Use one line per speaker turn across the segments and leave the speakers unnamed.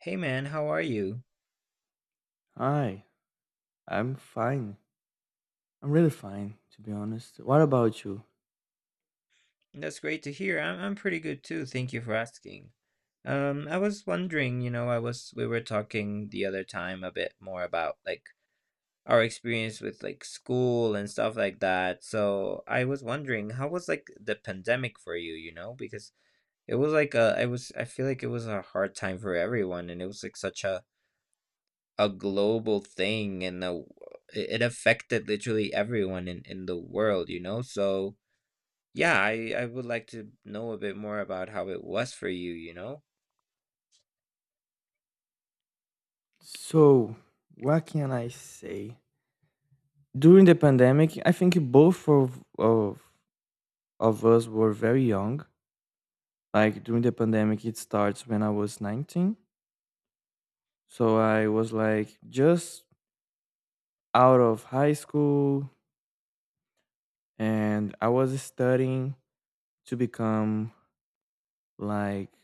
Hey man, how are you?
Hi, I'm fine. I'm really fine, to be honest. What about you?
That's great to hear. I'm pretty good too. Thank you for asking. I was wondering, I was we were talking the other time a bit more about like our experience with like school and stuff like that. So I was wondering, how was like the pandemic for you, you know? Because it was like a, I was I feel like it was a hard time for everyone, and it was like such a global thing, and the it it affected literally everyone in the world, you know? So. Yeah, I would like to know a bit more about how it was for you, you know?
So, what can I say? During the pandemic, I think both of us were very young. Like, during the pandemic, it starts when I was 19. So, I was like just out of high school and I was studying to become like,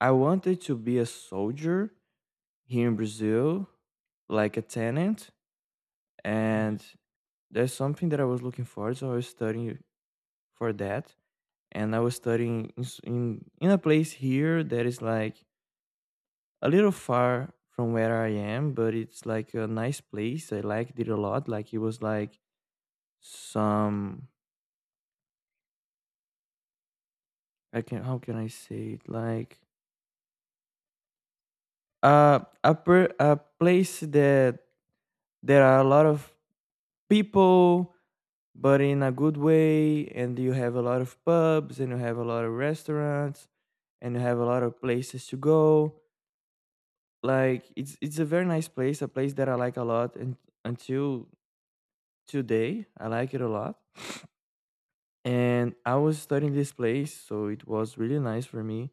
I wanted to be a soldier here in Brazil, like a tenant,
Mm.
and there's something that I was looking for, so I was studying for that, and I was studying in a place here that is like a little far from where I am, but it's like a nice place. I liked it a lot. Like it was like some, I can, how can I say it, like a a place that there are a lot of people but in a good way, and you have a lot of pubs and you have a lot of restaurants and you have a lot of places to go. Like it's a very nice place, a place that I like a lot, and until today I like it a lot. And I was studying this place, so it was really nice for me,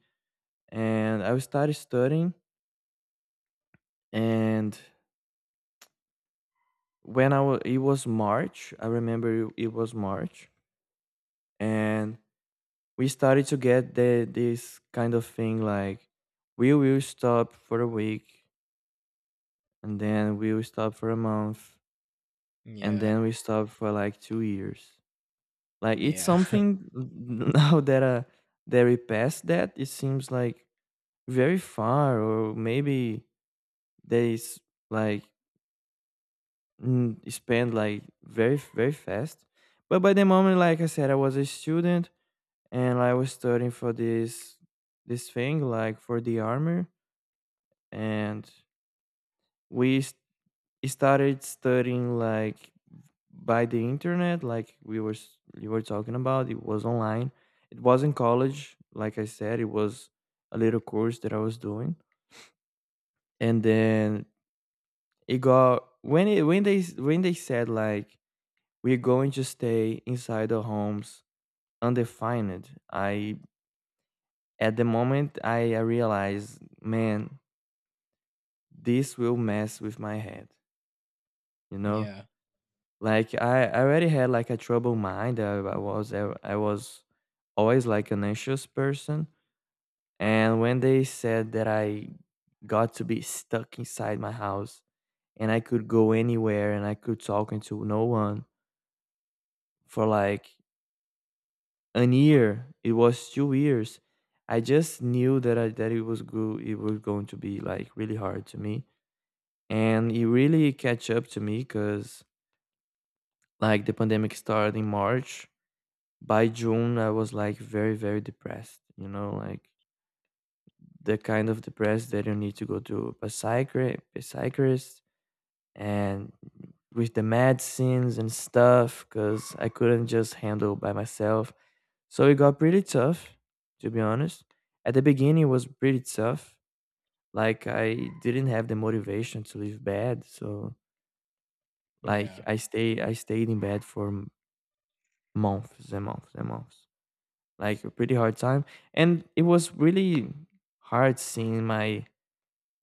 and I started studying. And when I was, it was March, I remember it, it was March. And we started to get this kind of thing like we will stop for a week, and then we will stop for a month, and
Yeah.
then we stop for like 2 years. Like it's
Yeah.
something now that that we passed, that it seems like very far, or maybe they like, spend like very fast. But by the moment, like I said, I was a student, and I was studying for this thing, like for the army. And we started studying like by the internet. Like we were you were talking about, it was online. It wasn't college, like I said, it was a little course that I was doing. And then it got, when it, when they when they said like, we're going to stay inside our homes undefined, I, at the moment, I realized, man, this will mess with my head, you know.
Yeah.
Like I already had like a troubled mind. I was always like an anxious person, and when they said that I got to be stuck inside my house and I could go anywhere and I could talk to no one for like an year, it was 2 years. I just knew that I, that it was it was going to be like really hard to me, and it really catch up to me, because like the pandemic started in March. By June, I was like very depressed, you know, like the kind of depressed that you need to go to a psychiatrist, and with the medicines and stuff, because I couldn't just handle by myself. So it got pretty tough, to be honest. At the beginning, it was pretty tough. Like I didn't have the motivation to leave bed, so like
Yeah.
I stayed in bed for months and months and months. Like a pretty hard time, and it was really hard seeing my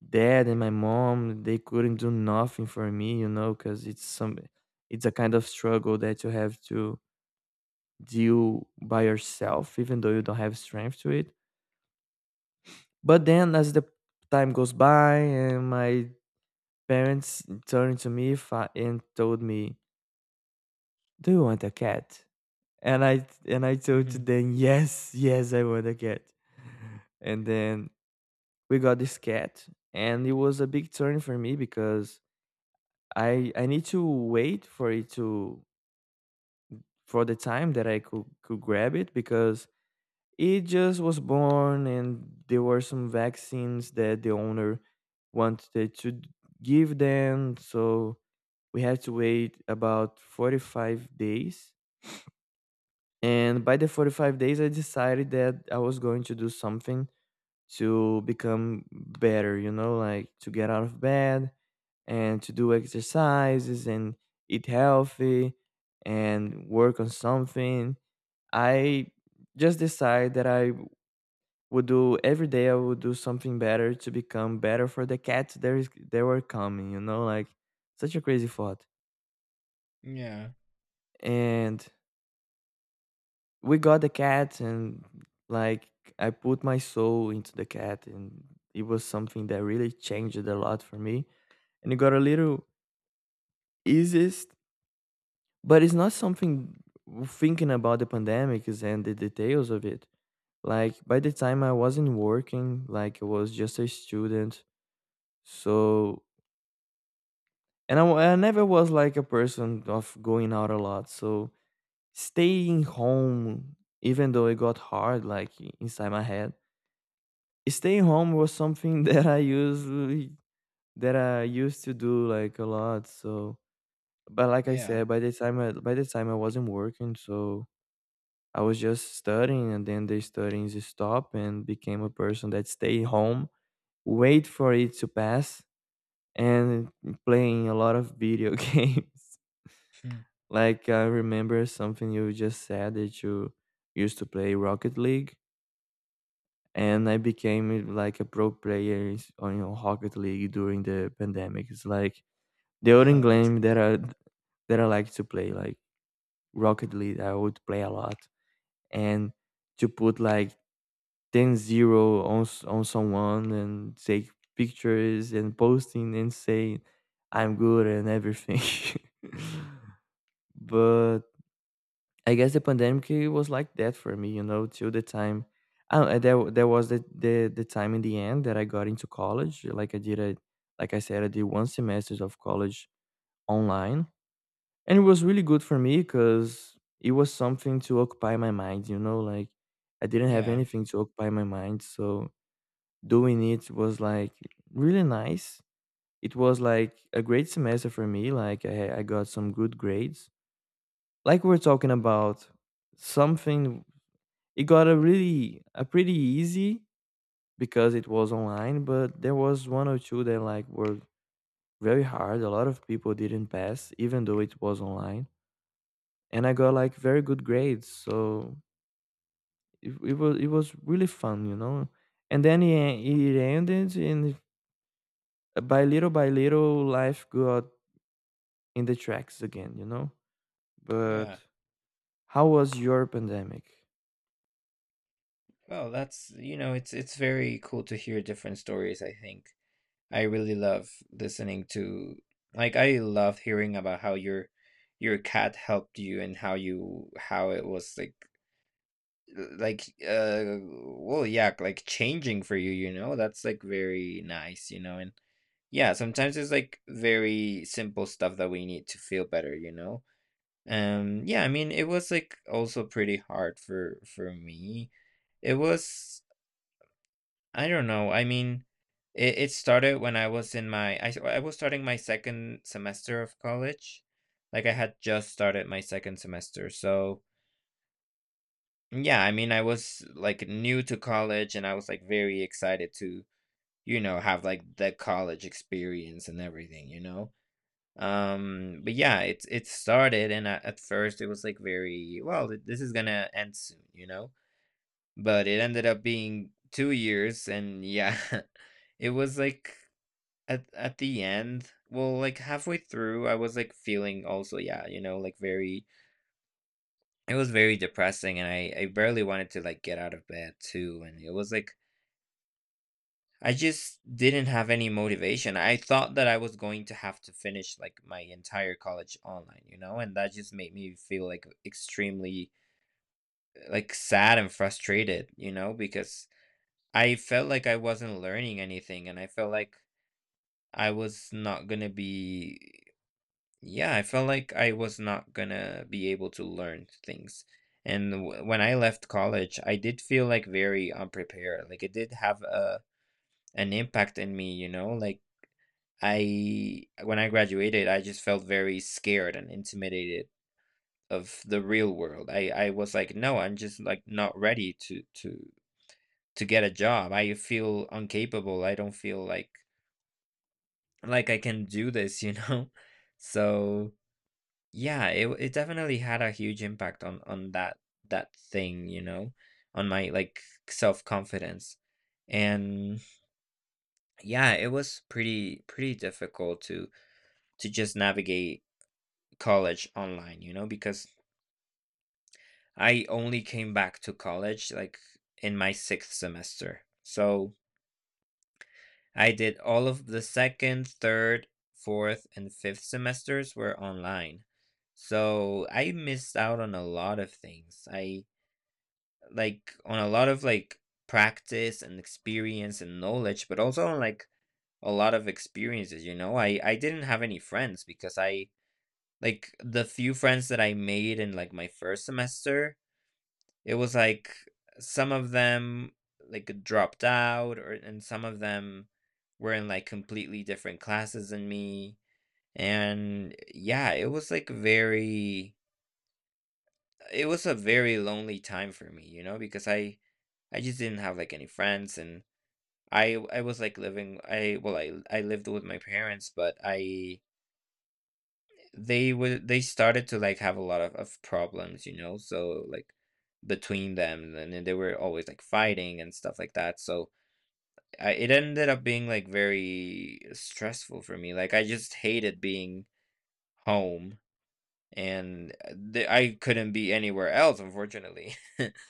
dad and my mom. They couldn't do nothing for me, you know, because it's some, it's a kind of struggle that you have to deal by yourself even though you don't have strength to it. But then as the time goes by, and my parents turned to me, and told me, do you want a cat? And I told
Hmm.
them, yes, yes, I want a cat. And then we got this cat, and it was a big turn for me, because I need to wait for it to, for the time that I could grab it, because it just was born, and there were some vaccines that the owner wanted to give them, so we had to wait about 45 days. And by the 45 days, I decided that I was going to do something to become better, you know, like to get out of bed and to do exercises and eat healthy and work on something. I just decide that I would do every day, I would do something better to become better for the cats there is, they were coming, you know, like such a crazy thought.
Yeah.
And we got the cat, and like I put my soul into the cat, and it was something that really changed a lot for me, and it got a little easiest, but it's not something. Thinking about the pandemics and the details of it, like by the time I wasn't working, like I was just a student. So, and I, I never was like a person of going out a lot. So staying home, even though it got hard, like inside my head, staying home was something that I used to do like a lot. So, but like I
Yeah.
said, by the time I by the time I wasn't working, so I was just studying, and then the studying stopped, and became a person that stay home, wait for it to pass, and playing a lot of video games.
Hmm.
Like I remember something you just said that you used to play Rocket League, and I became like a pro player on, you know, Rocket League during the pandemic. It's like the only
Oh, that's
game
cool.
that I like to play, like Rocket League. I would play a lot, and to put like 10-0 on, on someone, and take pictures and posting and say I'm good and everything. But I guess the pandemic, it was like that for me, you know, till the time. Oh, and there was the time in the end that I got into college. Like like I said, I did one semester of college online, and it was really good for me because it was something to occupy my mind, you know, like I didn't have
Yeah.
anything to occupy my mind, so doing it was like really nice. It was like a great semester for me. Like I got some good grades. Like we, we're talking about something. It got a really a pretty easy, because it was online, but there was one or two that like were very hard. A lot of people didn't pass even though it was online. And I got like very good grades. So it was really fun, you know. And then it ended, and by little, life got in the tracks again, you know. But
Yeah.
how was your pandemic?
Well, that's you know, it's very cool to hear different stories, I think. I really love listening to like I love hearing about how your cat helped you and how you how it was like well, yeah, like changing for you, you know. That's like very nice, you know. And yeah, sometimes it's like very simple stuff that we need to feel better, you know. Yeah, I mean it was like also pretty hard for me. It was, I don't know, I mean, it started when I was in my I, s- I was starting my second semester of college. Like I had just started my second semester. So yeah, I mean, I was like new to college and I was like very excited to, you know, have like the college experience and everything, you know? But yeah, it's it started and at first it was like very, well, this is gonna end soon, you know? But it ended up being 2 years and yeah, it was like at the end, well, like halfway through, I was like feeling also, yeah, you know, like very. It was very depressing, and I barely wanted to, like, get out of bed too, and it was like I just didn't have any motivation. I thought that I was going to have to finish, like, my entire college online, you know, and that just made me feel, like, extremely, like, sad and frustrated, you know, because I felt like I wasn't learning anything, and I felt like I was not gonna be. Yeah, I felt like I was not gonna be able to learn things. And when I left college, I did feel like very unprepared. Like it did have a an impact in me, you know? Like I when I graduated, I just felt very scared and intimidated of the real world. I was like, no, I'm just like not ready to get a job. I feel incapable. I don't feel like I can do this, you know? So yeah, it definitely had a huge impact on that thing, you know, on my like self-confidence. And yeah, it was pretty pretty difficult to just navigate college online, you know, because I only came back to college like in my sixth semester. So I did all of the second, third, fourth, and fifth semesters were online. So I missed out on a lot of things. I like on a lot of like practice and experience and knowledge but also on like a lot of experiences, you know. I didn't have any friends because I like the few friends that I made in like my first semester, it was like some of them like dropped out or and some of them were in like completely different classes than me. And yeah, it was like very. It was a very lonely time for me, you know, because I just didn't have like any friends. And I was like living, I well I lived with my parents, but I they would, they started to like have a lot of problems, you know, so like between them. And then they were always like fighting and stuff like that, so I, it ended up being like very stressful for me, like I just hated being home. And the, I couldn't be anywhere else, unfortunately.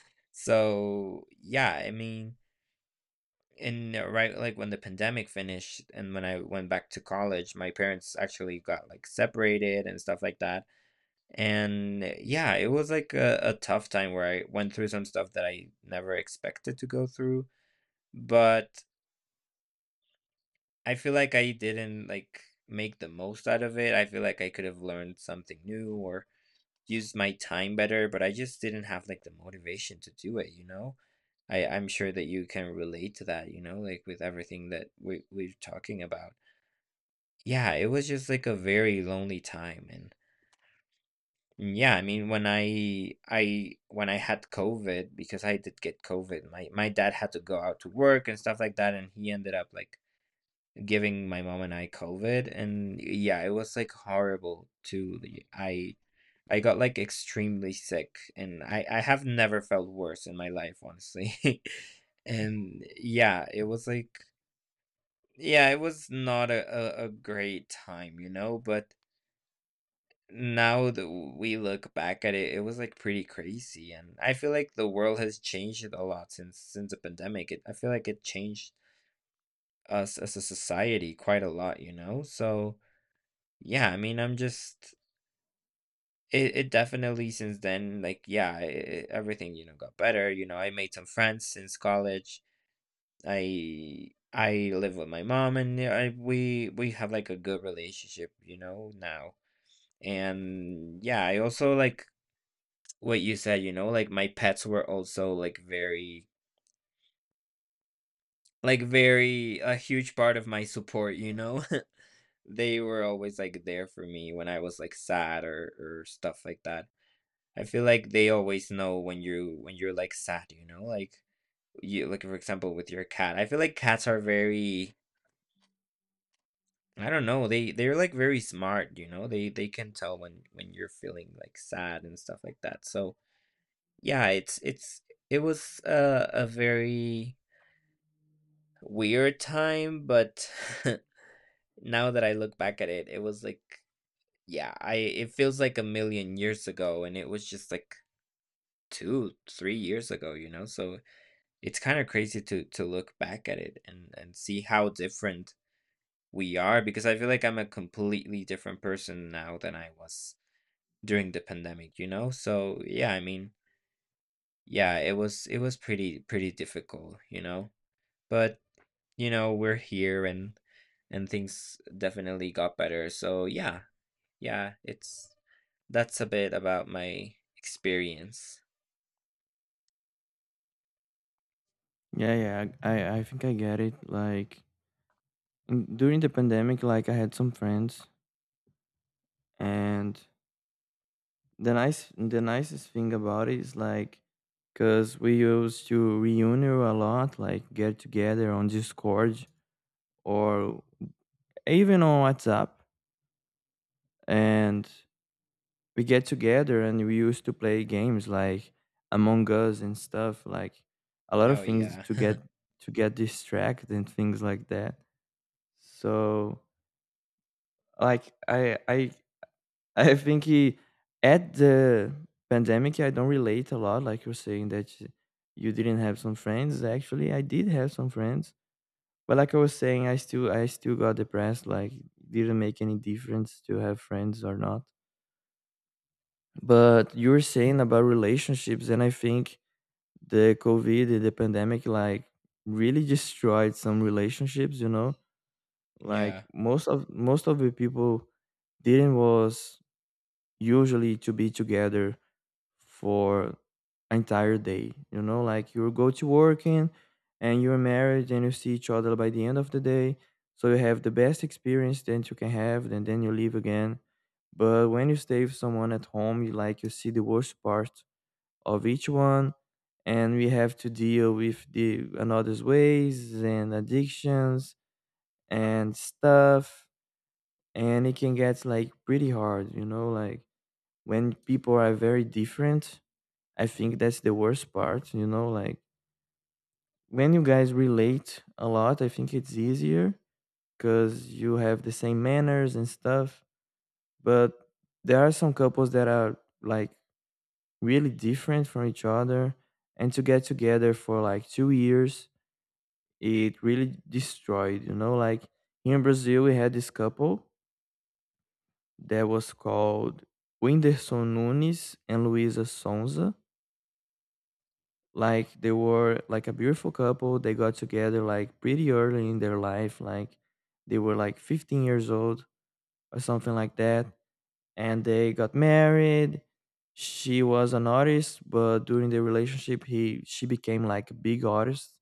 So yeah, I mean, and right, like when the pandemic finished and when I went back to college, my parents actually got like separated and stuff like that. And yeah, it was like a tough time where I went through some stuff that I never expected to go through. But I feel like I didn't like make the most out of it. I feel like I could have learned something new or used my time better, but I just didn't have like the motivation to do it, you know. I'm sure that you can relate to that, you know, like with everything that we're talking about. Yeah, it was just like a very lonely time. And yeah, I mean, when I had COVID, because I did get COVID, my dad had to go out to work and stuff like that, and he ended up like giving my mom and I COVID. And yeah, it was like horrible too. I got like extremely sick, and I have never felt worse in my life, honestly. And yeah, it was like yeah, it was not a great time, you know. But now that we look back at it, it was like pretty crazy. And I feel like the world has changed a lot since the pandemic. It, I feel like it changed us as a society quite a lot, you know? So yeah, I mean, I'm just it, it definitely since then, like yeah, everything, you know, got better. You know, I made some friends since college. I live with my mom, and yeah, I, we have like a good relationship, you know, now. And yeah, I also like what you said, you know, like my pets were also like very a huge part of my support, you know. They were always like there for me when I was like sad or stuff like that. I feel like they always know when you when you're like sad, you know, like you like for example with your cat. I feel like cats are very I don't know, they're like very smart, you know. They can tell when you're feeling like sad and stuff like that. So, yeah, it was a very weird time, but now that I look back at it, it was like yeah, I it feels like a million years ago, and it was just like 2, 3 years ago, you know? So it's kind of crazy to look back at it and see how different we are, because I feel like I'm a completely different person now than I was during the pandemic, you know? So yeah, I mean, yeah, it was pretty pretty difficult, you know? But you know we're here, and things definitely got better, so yeah. Yeah, it's that's a bit about my experience.
Yeah, yeah, I think I get it. Like in, during the pandemic, like I had some friends, and the nice, the nicest thing about it is like, cause we used to reunion a lot, like get together on Discord, or even on WhatsApp. And we get together and we used to play games like Among Us and stuff, like a lot of
Oh
things
yeah.
to get, to get distracted and things like that. So, like I I think he, at the pandemic I don't relate a lot. Like you're saying that you didn't have some friends. Actually, I did have some friends, but like I was saying, I still got depressed. Like didn't make any difference to have friends or not. But you were saying about relationships, and I think the COVID, and the pandemic, like really destroyed some relationships. You know, like
Yeah.
most of the people didn't was usually to be together for entire day. You know, like you go to working, and you're married, and you see each other by the end of the day. So you have the best experience that you can have, and then you leave again. But when you stay with someone at home, you like you see the worst part of each one, and we have to deal with the another's ways and addictions and stuff, and it can get like pretty hard, you know, like when people are very different. I think that's the worst part, you know, like when you guys relate a lot, I think it's easier because you have the same manners and stuff. But there are some couples that are like really different from each other, and to get together for like 2 years, it really destroyed, you know, like here in Brazil we had this couple that was called Whindersson Nunes and Luisa Sonza. Like they were like a beautiful couple. They got together like pretty early in their life, like they were like 15 years old or something like that. And they got married. She was an artist, but during the relationship he she became like a big artist,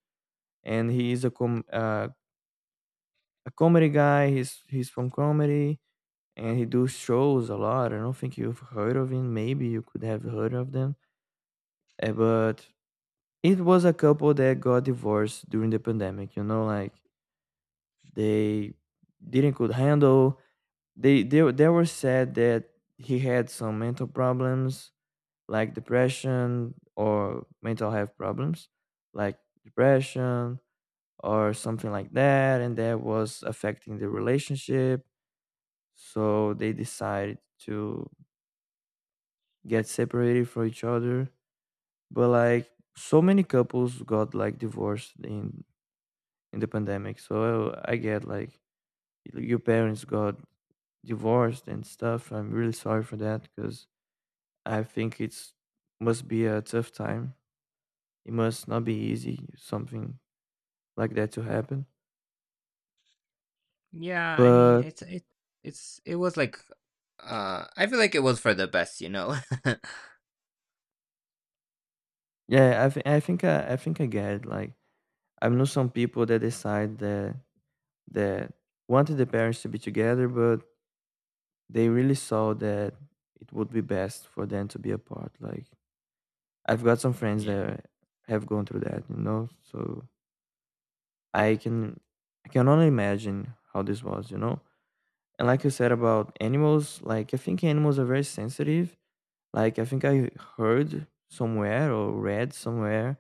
and he is a comedy guy. He's from comedy and he do shows a lot. I don't think you've heard of him. Maybe you could have heard of them. But it was a couple that got divorced during the pandemic. Like they didn't could handle. They were said that he had some mental problems, like depression or mental health problems, like depression or something like that, and that was affecting the relationship. So they decided to get separated from each other. But like so many couples got like divorced in the pandemic. So I get like your parents got divorced and stuff. I'm really sorry for that, because I think it's must be a tough time. It must not be easy, something like that to happen.
Yeah, I mean,
But
it's it was like I feel like it was for the best, you know.
yeah, I think I get it. Like, I know some people that decide that wanted the parents to be together, but they really saw that it would be best for them to be apart. Like, I've got some friends
Yeah.
that have gone through that, you know. So I can I can only imagine how this was, you know. And like you said about animals, like, I think animals are very sensitive. Like, I think I heard somewhere or read somewhere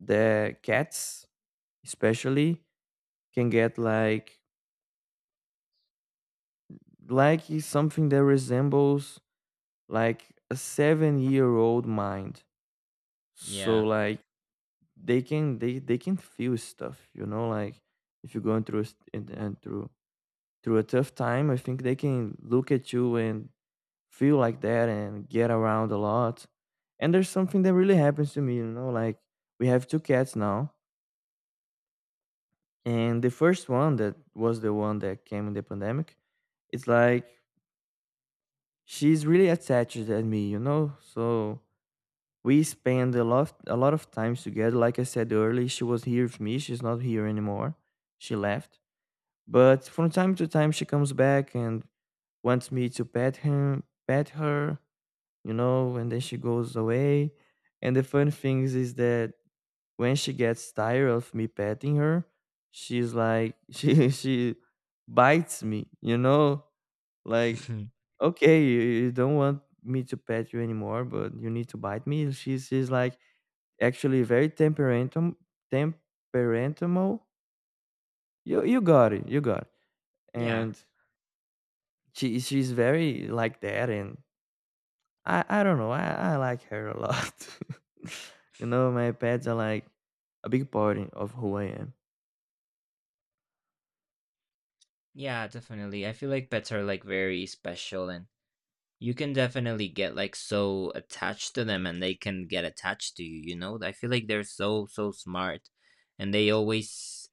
that cats especially can get like is something that resembles like a 7-year old mind. So
Yeah.
like they can feel stuff, you know, like if you're going through a, st- and through through a tough time, I think they can look at you and feel like that and get around a lot. And there's something that really happens to me. Like we have two cats now, and the first one, that was the one that came in the pandemic, it's like she's really attached at me, so we spend a lot of times together. Like I said earlier, she was here with me. She's not here anymore, she left. But from time to time she comes back and wants me to pet her, and then she goes away. And the funny thing is that when she gets tired of me petting her, she's like she bites me? Like, okay, you don't want me to pet you anymore, but you need to bite me. She's like actually very temperamentum temperamental. You got it, you got it.
Yeah.
And she's very like that, and I don't know, I like her a lot. You know, my pets are like a big part of who I am.
Yeah, definitely. I feel like pets are like very special, and you can definitely get like so attached to them, and they can get attached to you, you know. I feel like they're so so smart, and they always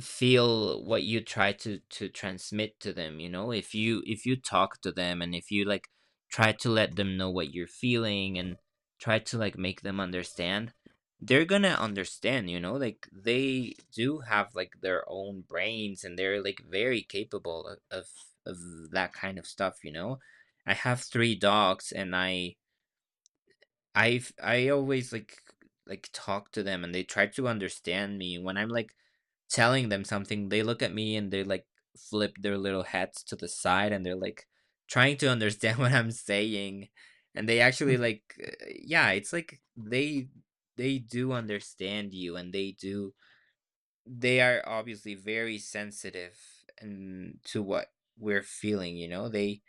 feel what you try to transmit to them, you know. If you talk to them and if you like try to let them know what you're feeling and try to like make them understand, they're gonna understand, you know, like they do have like their own brains, and they're like very capable of that kind of stuff, you know. I have three dogs, and I've I always like talk to them, and they try to understand me. When I'm like telling them something, they look at me, and they like flip their little heads to the side, and they're like trying to understand what I'm saying. And they actually like yeah, it's like they do understand you, and they are obviously very sensitive and to what we're feeling, you know?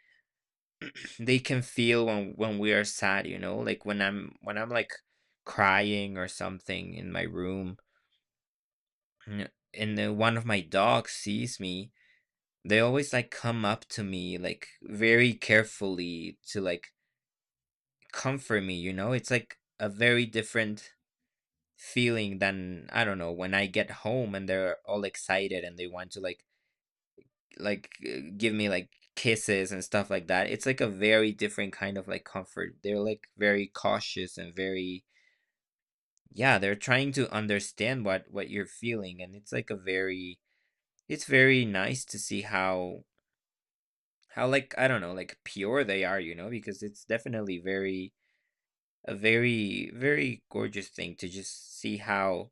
They can feel when we are sad, you know, like when I'm like crying or something in my room, and then one of my dogs sees me, they always like come up to me like very carefully to like comfort me, you know. It's like a very different feeling than I don't know, when I get home and they're all excited and they want to like give me like kisses and stuff like that. It's like a very different kind of like comfort. They're like very cautious and very yeah, they're trying to understand what you're feeling. And it's like a very, it's very nice to see how like I don't know like pure they are, you know, because it's definitely very a very very gorgeous thing to just see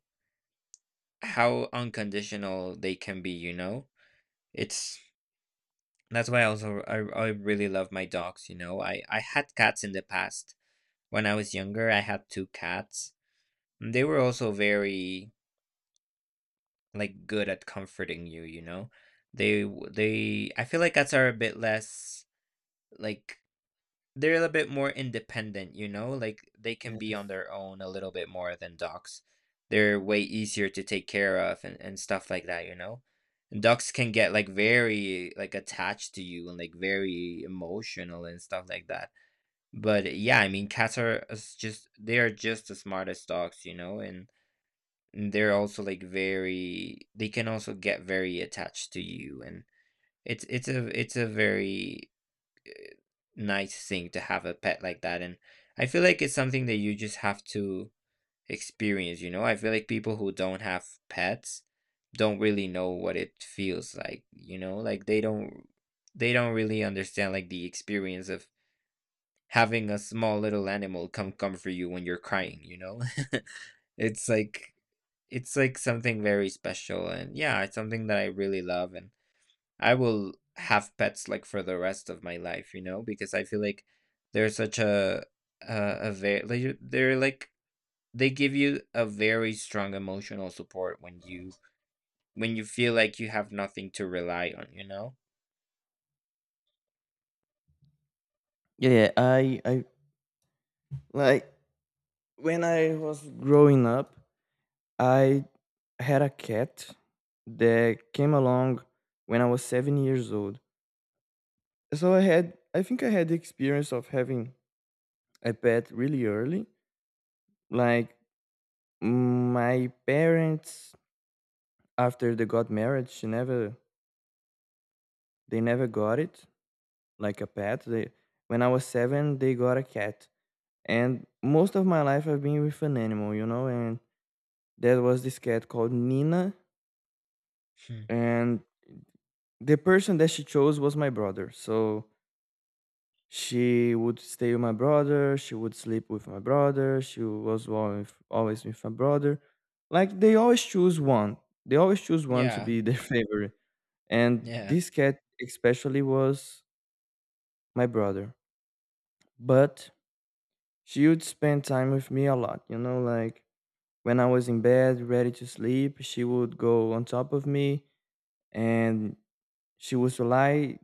how unconditional they can be, you know. It's that's why I also, I really love my dogs, you know. I had cats in the past when I was younger. I had two cats, and they were also very like good at comforting you, you know? They w- they I feel like cats are a bit less like they're a little bit more independent, you know? Like they can be on
Yes.
their own a little bit more than dogs. They're way easier to take care of, and stuff like that, you know? And dogs can get like very like attached to you and like very emotional and stuff like that. But yeah, I mean, cats are just they are just as smart as dogs, you know, and they're also like very they can also get very attached to you. And it's a very uh, nice thing to have a pet like that. And I feel like it's something that you just have to experience, you know. I feel like people who don't have pets don't really know what it feels like, you know, like they don't really understand like the experience of having a small little animal come comfort you when you're crying, you know. It's like it's like something very special. And yeah, it's something that I really love, and I will have pets like for the rest of my life, you know, because I feel like they're such a a very like, you- they're like they give you a very strong emotional support when you feel like you have nothing to rely on, you know?
Yeah. I, like, when I was growing up, I had a cat that came along when I was 7 years old. So I had, I think I had, the experience of having a pet really early. Like, my parents, after they got married, she never, they never got it like a pet. They, when I was 7, they got a cat. And most of my life I've been with an animal, you know. And there was this cat called Nina,
Hmm.
and the person that she chose was my brother. So she would stay with my brother, she would sleep with my brother, she was always always with my brother. Like, they always choose one. They always choose one to
Yeah.
be their favorite. And
Yeah.
this cat especially was my brother. But she would spend time with me a lot, you know, like when I was in bed ready to sleep, she would go on top of me, and she would lie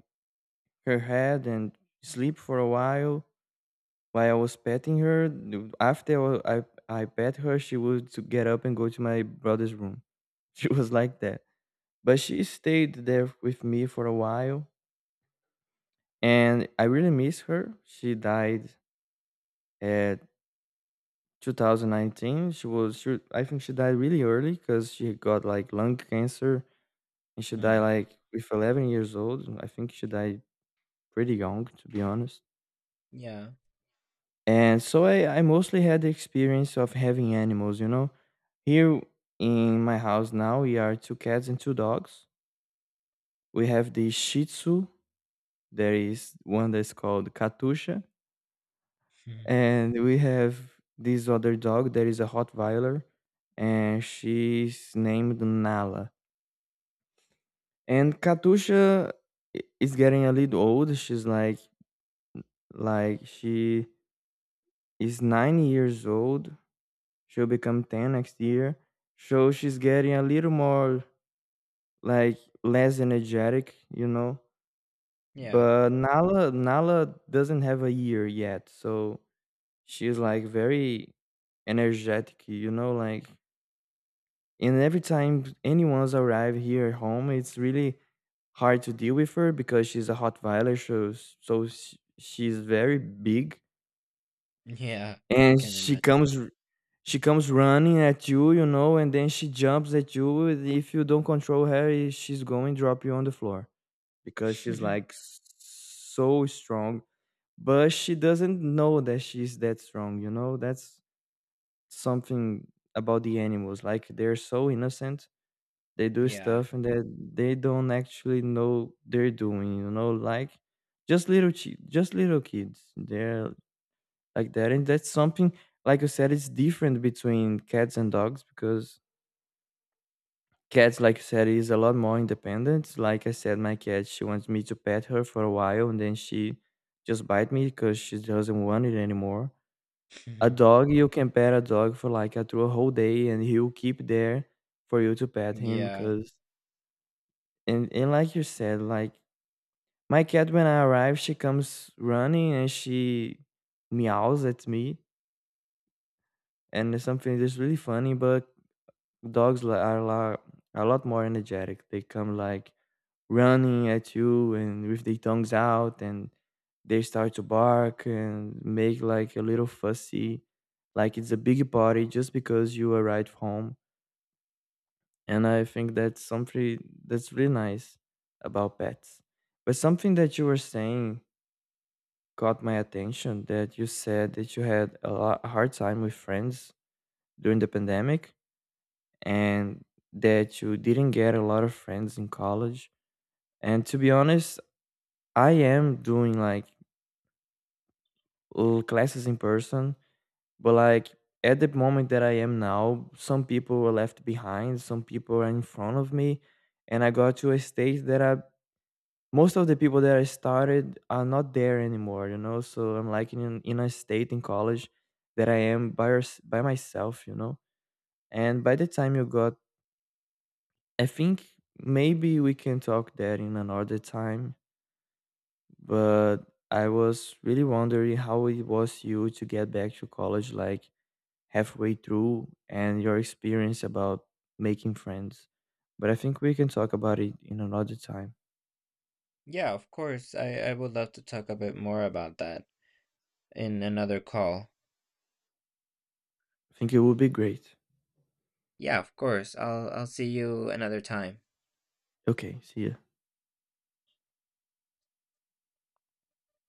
her head and sleep for a while. While I was petting her, after I pet her, she would to get up and go to my brother's room. She was like that. But she stayed there with me for a while, and I really miss her. She died at 2019. She was she, I think she died really early because she got like lung cancer, and she died
Hmm.
like with 11 years old. I think she died pretty young, to be honest.
Yeah.
And so I mostly had the experience of having animals. Here in my house now, we are two cats and two dogs. We have the Shih Tzu, there is one that's called Katusha,
Hmm.
and we have this other dog that is a Rottweiler, and she's named Nala. And Katusha is getting a little old. She's like she is 9 years old. She'll become 10 next year. So she's getting a little more, like, less energetic.
Yeah.
But Nala doesn't have a year yet, so she's like very energetic, you know, like, and every time anyone's arrive here at home, it's really hard to deal with her because she's a hot violet, so, she's very big.
Yeah. I
And
can
she comes running at you, you know, and then she jumps at you. If you don't control her, she's going to drop you on the floor because she's
imagine.
like so strong, but she doesn't know that she's that strong? That's something about the animals. Like, they're so innocent. They do
Yeah.
stuff and that they don't actually know they're doing, you know, like just little kids. They're like that, and that's something, like you said, it's different between cats and dogs because cats, like you said, is a lot more independent. Like I said, my cat, she wants me to pet her for a while, and then she just bite me because she doesn't want it anymore. A dog, you can pet a dog for like through a whole day and he'll keep there for you to pet him
Yeah.
because and like you said, like, my cat when I arrive she comes running, and she meows at me, and it's something that's really funny. But dogs are a lot more energetic. They come like running at you and with their tongues out, and they start to bark and make like a little fussy, like it's a big party just because you arrived home. And I think that's something that's really nice about pets. But something that you were saying caught my attention, that you said that you had hard time with friends during the pandemic and that you didn't get a lot of friends in college. And to be honest, I am doing like classes in person, but like at the moment that I am now, some people were left behind, some people are in front of me, and I got to a stage that I, most of the people that I started are not there anymore. So I'm like in a state in college that I am by myself. And by the time you got, I think maybe we can talk that in another time, but I was really wondering how it was you to get back to college like halfway through and your experience about making friends. But I think we can talk about it in another time.
Yeah, of course. I would love to talk a bit more about that in another call.
I think it would be great.
Yeah, of course. I'll see you another time.
Okay, see ya.